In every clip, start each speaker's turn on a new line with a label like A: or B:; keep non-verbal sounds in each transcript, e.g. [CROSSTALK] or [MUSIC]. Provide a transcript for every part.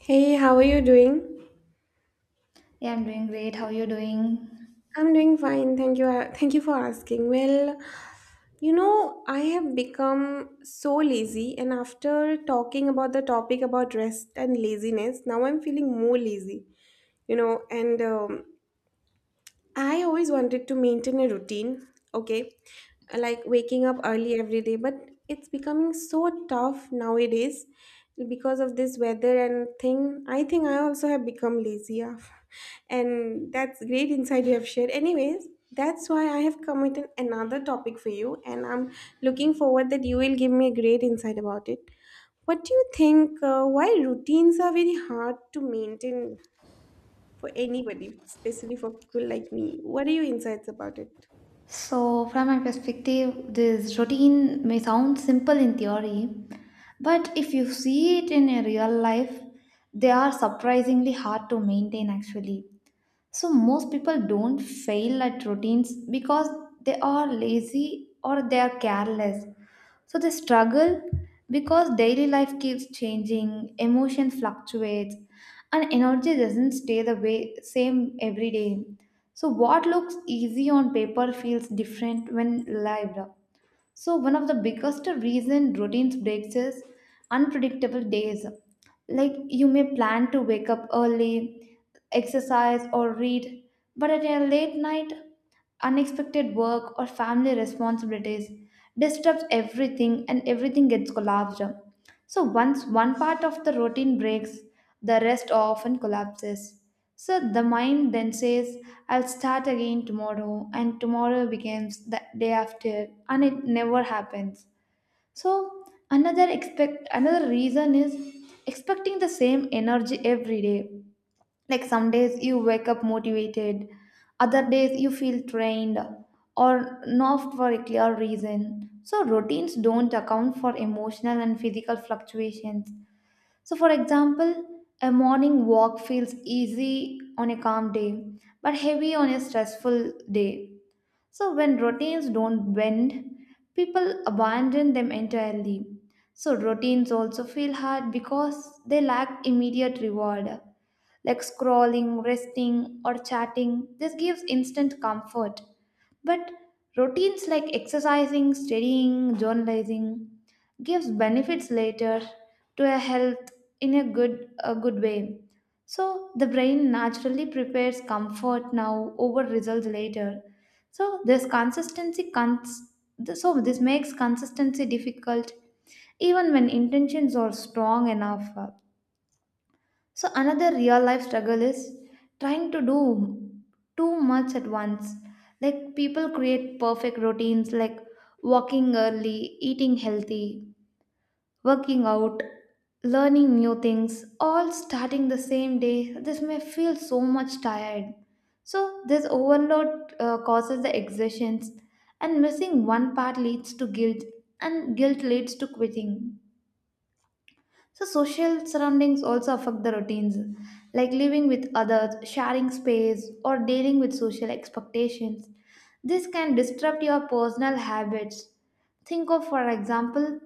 A: Hey, how are you doing?
B: Yeah, I'm doing great. How are you doing?
A: I'm doing fine. Thank you. Thank you for asking. Well, I have become so lazy, and after talking about the topic about rest and laziness, now I'm feeling more lazy, and I always wanted to maintain a routine, okay, like waking up early every day, but it's becoming so tough nowadays because of this weather and thing. I think I also have become lazy, yeah. [LAUGHS] And that's great insight you have shared. Anyways, that's why I have come committed another topic for you, and I'm looking forward that you will give me a great insight about it. What do you think? Why routines are very hard to maintain for anybody, especially for people like me. What are your insights about it?
B: So, from my perspective, this routine may sound simple in theory, but if you see it in a real life, they are surprisingly hard to maintain actually. So most people don't fail at routines because they are lazy or they are careless. So they struggle because daily life keeps changing, emotion fluctuates, and energy doesn't stay the way same every day. So what looks easy on paper feels different when lived. So one of the biggest reason routines breaks is unpredictable days. Like you may plan to wake up early, exercise or read, but at a late night, unexpected work or family responsibilities disrupts everything and everything gets collapsed. So once one part of the routine breaks, the rest often collapses. So the mind then says, I'll start again tomorrow, and tomorrow becomes the day after, and it never happens. So another reason is expecting the same energy every day. Like some days you wake up motivated, other days you feel drained or not for a clear reason. So routines don't account for emotional and physical fluctuations. So, for example, a morning walk feels easy on a calm day but heavy on a stressful day. So when routines don't bend, people abandon them entirely. So routines also feel hard because they lack immediate reward like scrolling, resting, or chatting. This gives instant comfort. But routines like exercising, studying, journalizing gives benefits later to a health in a good way. So the brain naturally prepares comfort now over results later. So this makes consistency difficult even when intentions are strong enough. So another real life struggle is trying to do too much at once. Like people create perfect routines like walking early, eating healthy, working out, learning new things, all starting the same day. This may feel so much tired. So this overload causes the exertions, and missing one part leads to guilt, and guilt leads to quitting. So, social surroundings also affect the routines, like living with others, sharing space, or dealing with social expectations. This can disrupt your personal habits. Think of, for example,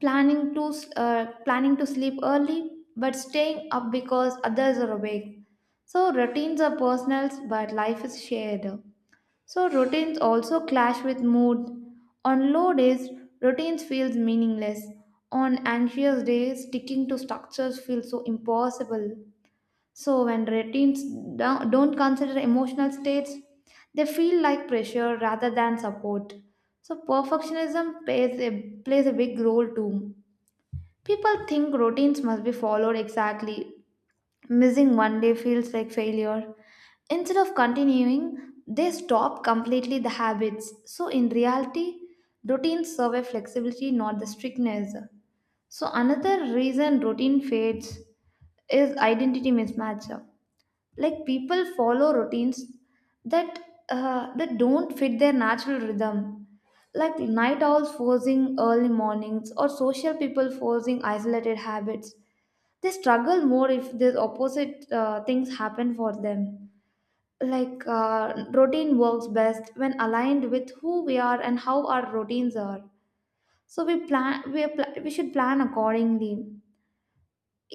B: planning to sleep early but staying up because others are awake. So routines are personal, but life is shared. So routines also clash with mood. On low days, routines feels meaningless. On anxious days, sticking to structures feels so impossible. So when don't consider emotional states, they feel like pressure rather than support. So perfectionism plays a big role too. People think routines must be followed exactly, missing one day feels like failure. Instead of continuing, they stop completely the habits. So, in reality, routines survive flexibility, not the strictness. So, another reason routine fades is identity mismatch. Like people follow routines that that don't fit their natural rhythm. Like night owls forcing early mornings or social people forcing isolated habits, they struggle more if these opposite things happen for them, like routine works best when aligned with who we are and how our routines are, so we plan we, are pla- we should plan accordingly.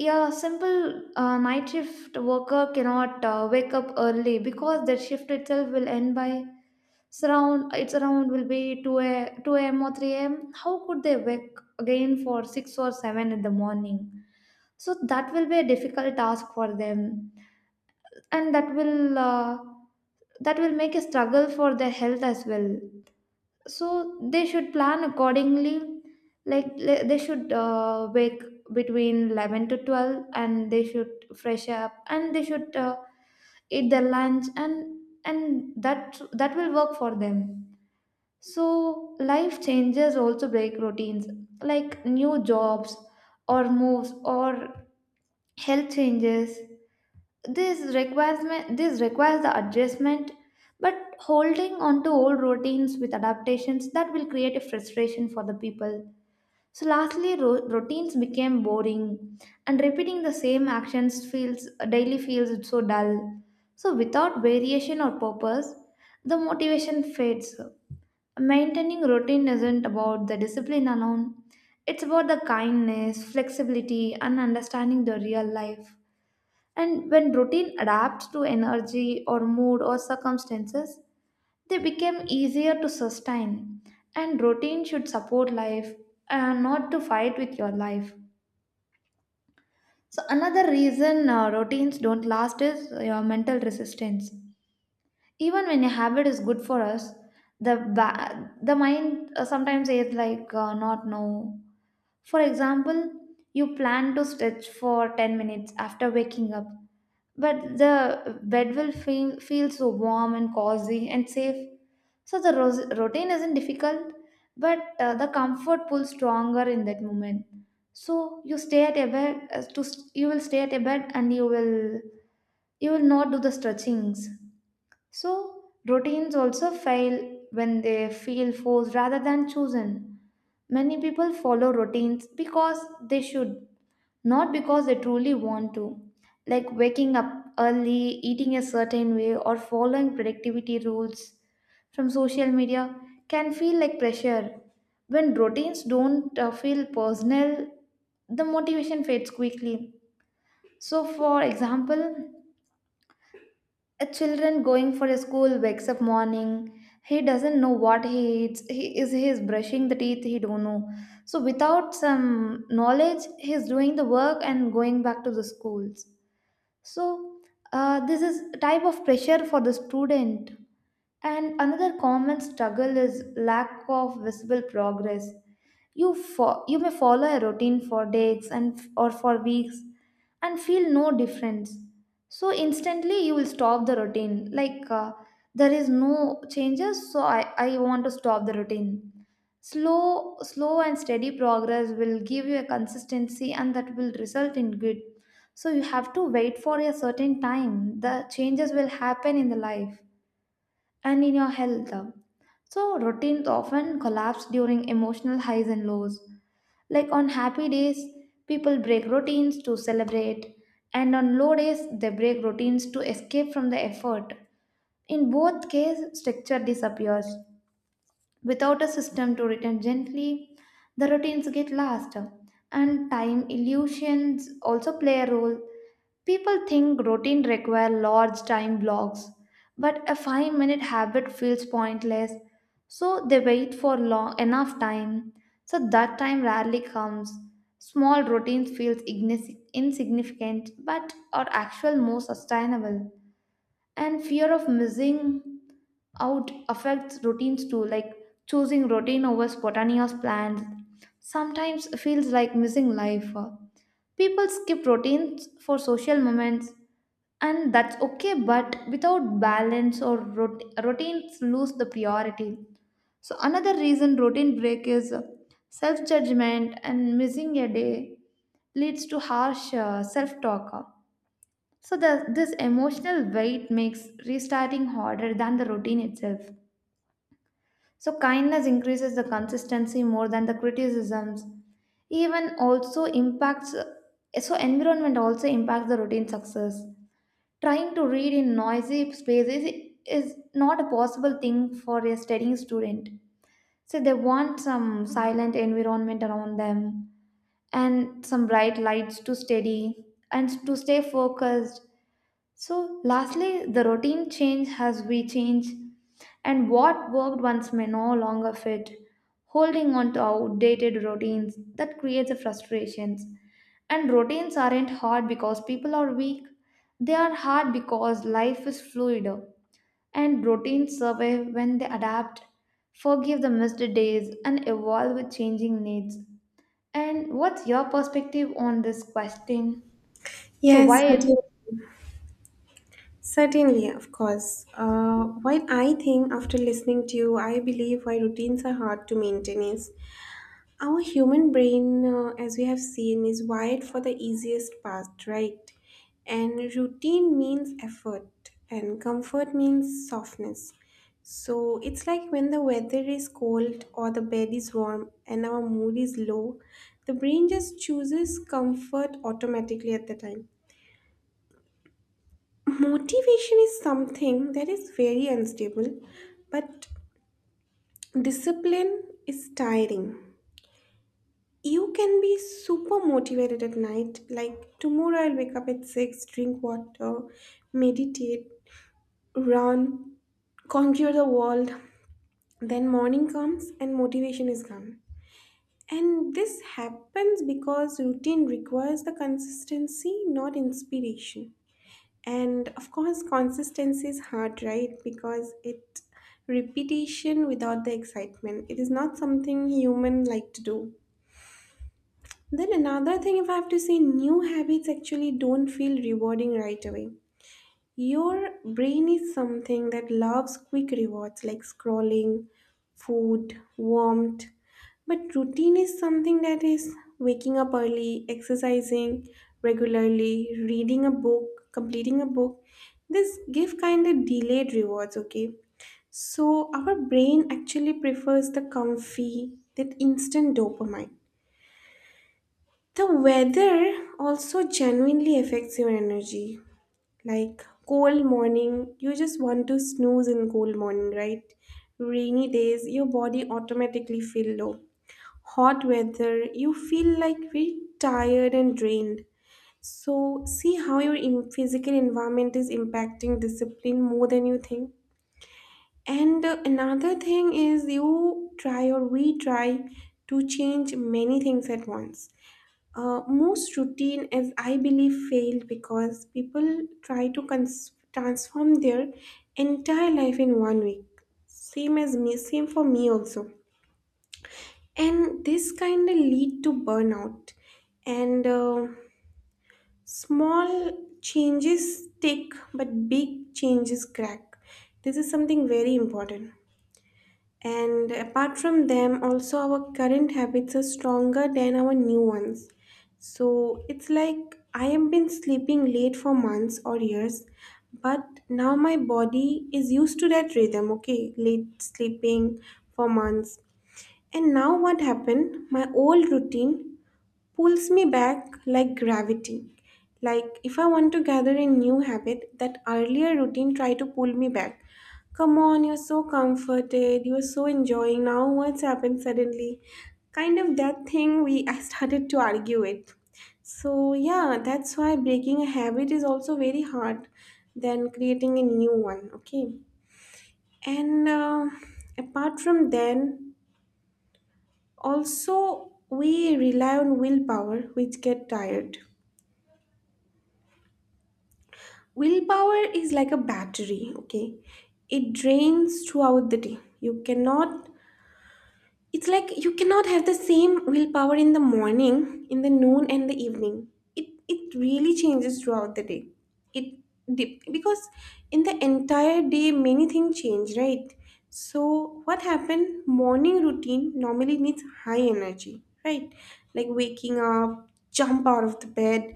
B: Yeah, simple. Night shift worker cannot wake up early because their shift itself will end by, it's around will be 2 a.m. or 3 a.m. How could they wake again for 6 or 7 in the morning? So that will be a difficult task for them, and that will make a struggle for their health as well. So they should plan accordingly. Like they should wake between 11 to 12, and they should fresh up, and they should eat their lunch, and that will work for them. So, life changes also break routines, like new jobs or moves or health changes. This requires this requires the adjustment, but holding on to old routines with adaptations, that will create a frustration for the people. So, lastly, routines became boring, and repeating the same actions feels daily feels so dull. So, without variation or purpose, the motivation fades. Maintaining routine isn't about the discipline alone, it's about the kindness, flexibility, and understanding the real life. And when routine adapts to energy or mood or circumstances, they become easier to sustain. And routine should support life and not to fight with your life. So, another reason routines don't last is your mental resistance. Even when a habit is good for us, the the mind sometimes says, like, not no. For example, you plan to stretch for 10 minutes after waking up, but the bed will feel so warm and cozy and safe, so the routine isn't difficult, but the comfort pulls stronger in that moment. So you stay at a bed, you will stay at a bed, and you will not do the stretchings. So, routines also fail when they feel forced rather than chosen. Many people follow routines because they should, not because they truly want to. Like waking up early, eating a certain way, or following productivity rules from social media can feel like pressure. When routines don't feel personal, the motivation fades quickly. So, for example, a children going for a school wakes up morning, he doesn't know what he eats, he is brushing the teeth, he don't know. So without some knowledge, he is doing the work and going back to the schools. So this is type of pressure for the student. And another common struggle is lack of visible progress. You may follow a routine for days and or for weeks and feel no difference. So instantly you will stop the routine. Like there is no changes, so I want to stop the routine. Slow and steady progress will give you a consistency, and that will result in good. So you have to wait for a certain time. The changes will happen in the life and in your health. So, routines often collapse during emotional highs and lows. Like on happy days, people break routines to celebrate, and on low days, they break routines to escape from the effort. In both cases, structure disappears. Without a system to return gently, the routines get lost. And time illusions also play a role. People think routine require large time blocks, but a 5-minute habit feels pointless. So they wait for long enough time. So that time rarely comes. Small routines feels insignificant but are actual more sustainable. And fear of missing out affects routines too, like choosing routine over spontaneous plans sometimes feels like missing life. People skip routines for social moments, and that's okay, but without balance, routines lose the priority. So another reason routine break is self judgment, and missing a day leads to harsh self talk. So this emotional weight makes restarting harder than the routine itself. So kindness increases the consistency more than the criticisms. Even also impacts. So environment also impacts the routine success. Trying to read in noisy spaces is not a possible thing for a studying student. So they want some silent environment around them and some bright lights to study and to stay focused. So, lastly, the routine change as we change, and what worked once may no longer fit. Holding on to outdated routines that creates a frustrations. And routines aren't hard because people are weak. They are hard because life is fluid, and routines survive when they adapt, forgive the missed days, and evolve with changing needs. And what's your perspective on this question? So,
A: Yes,
B: why?
A: certainly. Certainly, of course. While I think after listening to you, I believe why routines are hard to maintain is our human brain, as we have seen, is wired for the easiest path, right? And routine means effort, and comfort means softness. So it's like when the weather is cold or the bed is warm and our mood is low, the brain just chooses comfort automatically at the time. Motivation is something that is very unstable, but discipline is tiring. You can be super motivated at night. Like tomorrow, I'll wake up at 6, drink water, meditate, run, conquer the world. Then morning comes and motivation is gone. And this happens because routine requires the consistency, not inspiration. And of course, consistency is hard, right? Because it repetition without the excitement. It is not something human like to do. Then another thing, if I have to say, new habits actually don't feel rewarding right away. Your brain is something that loves quick rewards like scrolling, food, warmth. But routine is something that is waking up early, exercising regularly, reading a book, completing a book. This give kind of delayed rewards, okay? So our brain actually prefers the comfy, that instant dopamine. The weather also genuinely affects your energy. Like cold morning, you just want to snooze in cold morning, right? Rainy days, your body automatically feel low. Hot weather, you feel like very tired and drained. So see how your physical environment is impacting discipline more than you think. And another thing is you try or we try to change many things at once. Most routine, as I believe, failed because people try to transform their entire life in one week. Same as me, same for me also. And this kind of lead to burnout. And Small changes stick, but big changes crack. This is something very important. And apart from them, also our current habits are stronger than our new ones. So it's like I have been sleeping late for months or years, but now my body is used to that rhythm, okay? Late sleeping for months. And now what happened? My old routine pulls me back like gravity. Like if I want to gather a new habit, that earlier routine try to pull me back. Come on, you're so comforted, you're so enjoying. Now what's happened suddenly? Kind of that thing we I started to argue with. So yeah, that's why breaking a habit is also very hard than creating a new one. Okay, and Apart from then, also we rely on willpower, which get tired. Willpower is like a battery, okay. It drains throughout the day. You cannot, it's like you cannot have the same willpower in the morning, in the noon and the evening. It really changes throughout the day. it because in the entire day many things change, right? So what happened, morning routine normally needs high energy, right? Like waking up, jump out of the bed,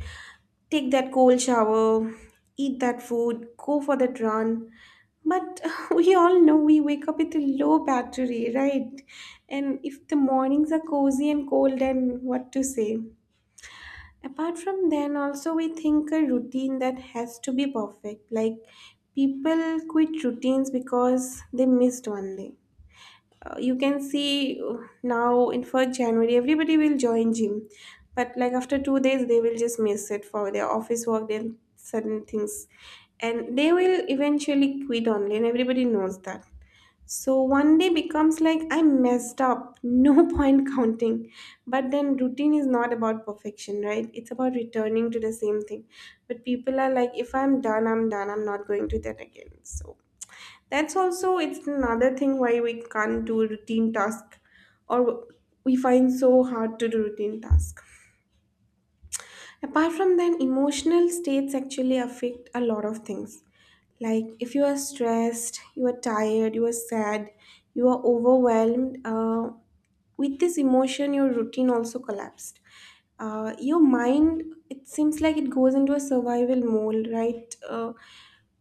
A: take that cold shower, eat that food, go for that run. But [LAUGHS] we all know we wake up with a low battery, right? And if the mornings are cozy and cold, then what to say? Apart from then, also we think a routine that has to be perfect. Like people quit routines because they missed one day. You can see Now in first January everybody will join gym, but like after 2 days they will just miss it for their office work, their certain things, and they will eventually quit only, and everybody knows that. So one day becomes like I messed up, no [LAUGHS] point counting. But then routine is not about perfection, right? It's about returning to the same thing. But people are like, if I'm done, I'm done. I'm not going to that again. So that's also it's another thing why we can't do routine task, or we find so hard to do routine task. Apart from that, emotional states actually affect a lot of things. Like if you are stressed, you are tired, you are sad, you are overwhelmed, with this emotion your routine also collapsed. Your mind, it seems like it goes into a survival mode, right?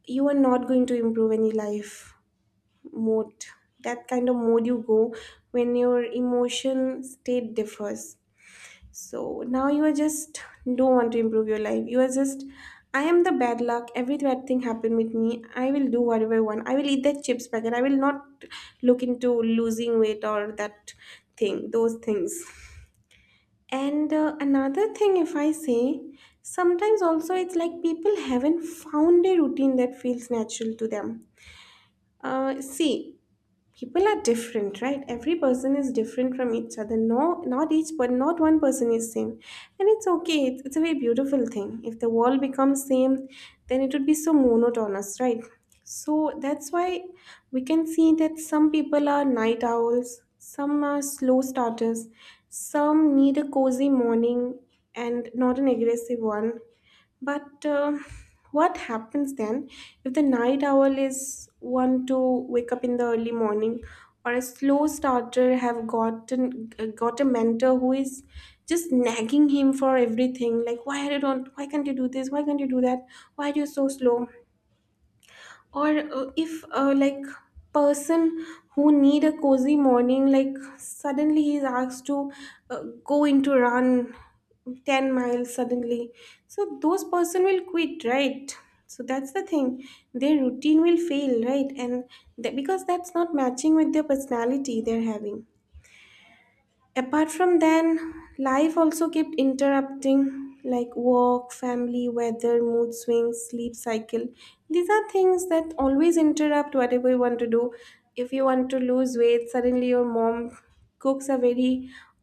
A: You are not going to improve any life mode, that kind of mode you go when your emotion state differs. So now you are just don't want to improve your life, you are just I am the bad luck, every bad thing happened with me, I will do whatever I want, I will eat that chips packet, I will not look into losing weight or that thing, those things. And another thing if I say, sometimes also it's like people haven't found a routine that feels natural to them. See, people are different, right? Every person is different from each other. No, not each, but not one person is same, and it's okay. It's a very beautiful thing. If the world becomes same, then it would be so monotonous, right? So that's why we can see that some people are night owls, some are slow starters, some need a cozy morning and not an aggressive one. But what happens then if the night owl is one to wake up in the early morning, or a slow starter have gotten got a mentor who is just nagging him for everything, like why you don't, why can't you do this, why can't you do that, why are you so slow? Or if like person who need a cozy morning like suddenly he's asked to go into run 10 miles suddenly, so those person will quit, right? So that's the thing, their routine will fail, right? And that because that's not matching with their personality they're having. Apart from then, life also kept interrupting like work, family, weather, mood swings, sleep cycle. These are things that always interrupt whatever you want to do. If you want to lose weight, suddenly your mom cooks a very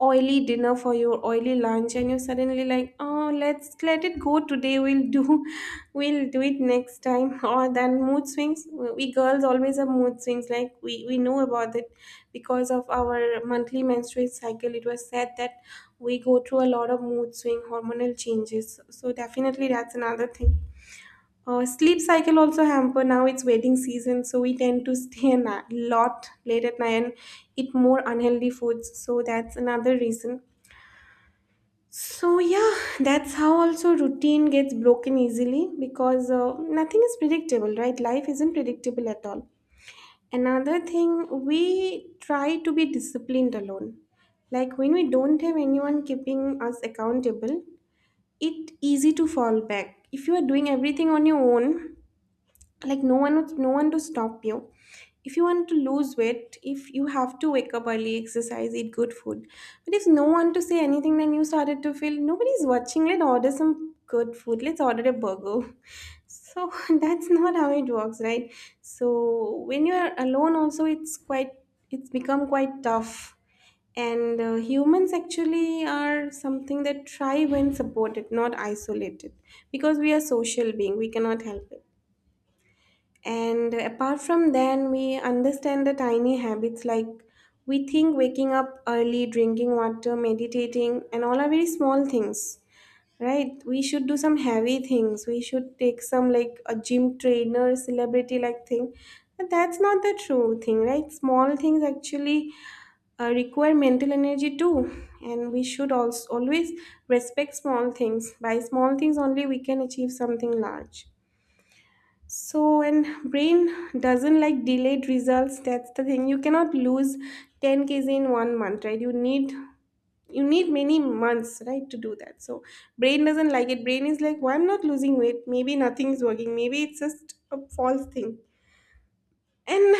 A: oily dinner for your oily lunch and you suddenly like, oh, let's let it go today, we'll do [LAUGHS] we'll do it next time. [LAUGHS] Or then mood swings, we girls always have mood swings, like we know about it, because of our monthly menstrual cycle. It was said that we go through a lot of mood swing hormonal changes, so definitely that's another thing. Sleep cycle also hamper. Now it's wedding season, so we tend to stay lot late at night and eat more unhealthy foods. So that's another reason. So yeah, that's how also routine gets broken easily, because nothing is predictable, right? Life isn't predictable at all. Another thing, we try to be disciplined alone. Like when we don't have anyone keeping us accountable, it easy to fall back. If you are doing everything on your own, like no one to stop you. If you want to lose weight, if you have to wake up early, exercise, eat good food, but if no one to say anything, then you started to feel nobody's watching, let's order some good food, let's order a burger. [LAUGHS] So [LAUGHS] that's not how it works, right? So when you're alone also it's quite, it's become quite tough. And humans actually are something that thrive when supported, not isolated, because we are social being, we cannot help it. And apart from then, we understand the tiny habits like we think waking up early, drinking water, meditating, and all are very small things, right? We should do some heavy things. We should take some like a gym trainer, celebrity like thing. But that's not the true thing, right? Small things actually require mental energy too. And we should also always respect small things. By small things only, we can achieve something large. So, and brain doesn't like delayed results. That's the thing. You cannot lose 10 kgs in one month, right? You need many months, right, to do that. So, brain doesn't like it. Brain is like, why I'm not losing weight? Maybe nothing's working. Maybe it's just a false thing. And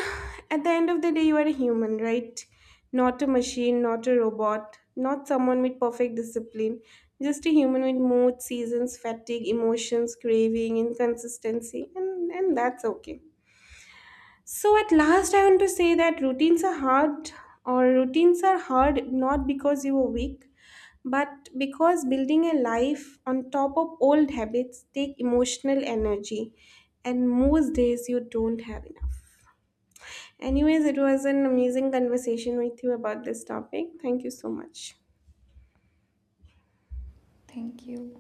A: at the end of the day, you are a human, right? Not a machine, not a robot, not someone with perfect discipline. Just a human with mood, seasons, fatigue, emotions, craving, inconsistency, and that's okay. So at last, I want to say that routines are hard, or routines are hard not because you are weak, but because building a life on top of old habits take emotional energy, and most days you don't have enough. Anyways, it was an amazing conversation with you about this topic. Thank you so much.
B: Thank you.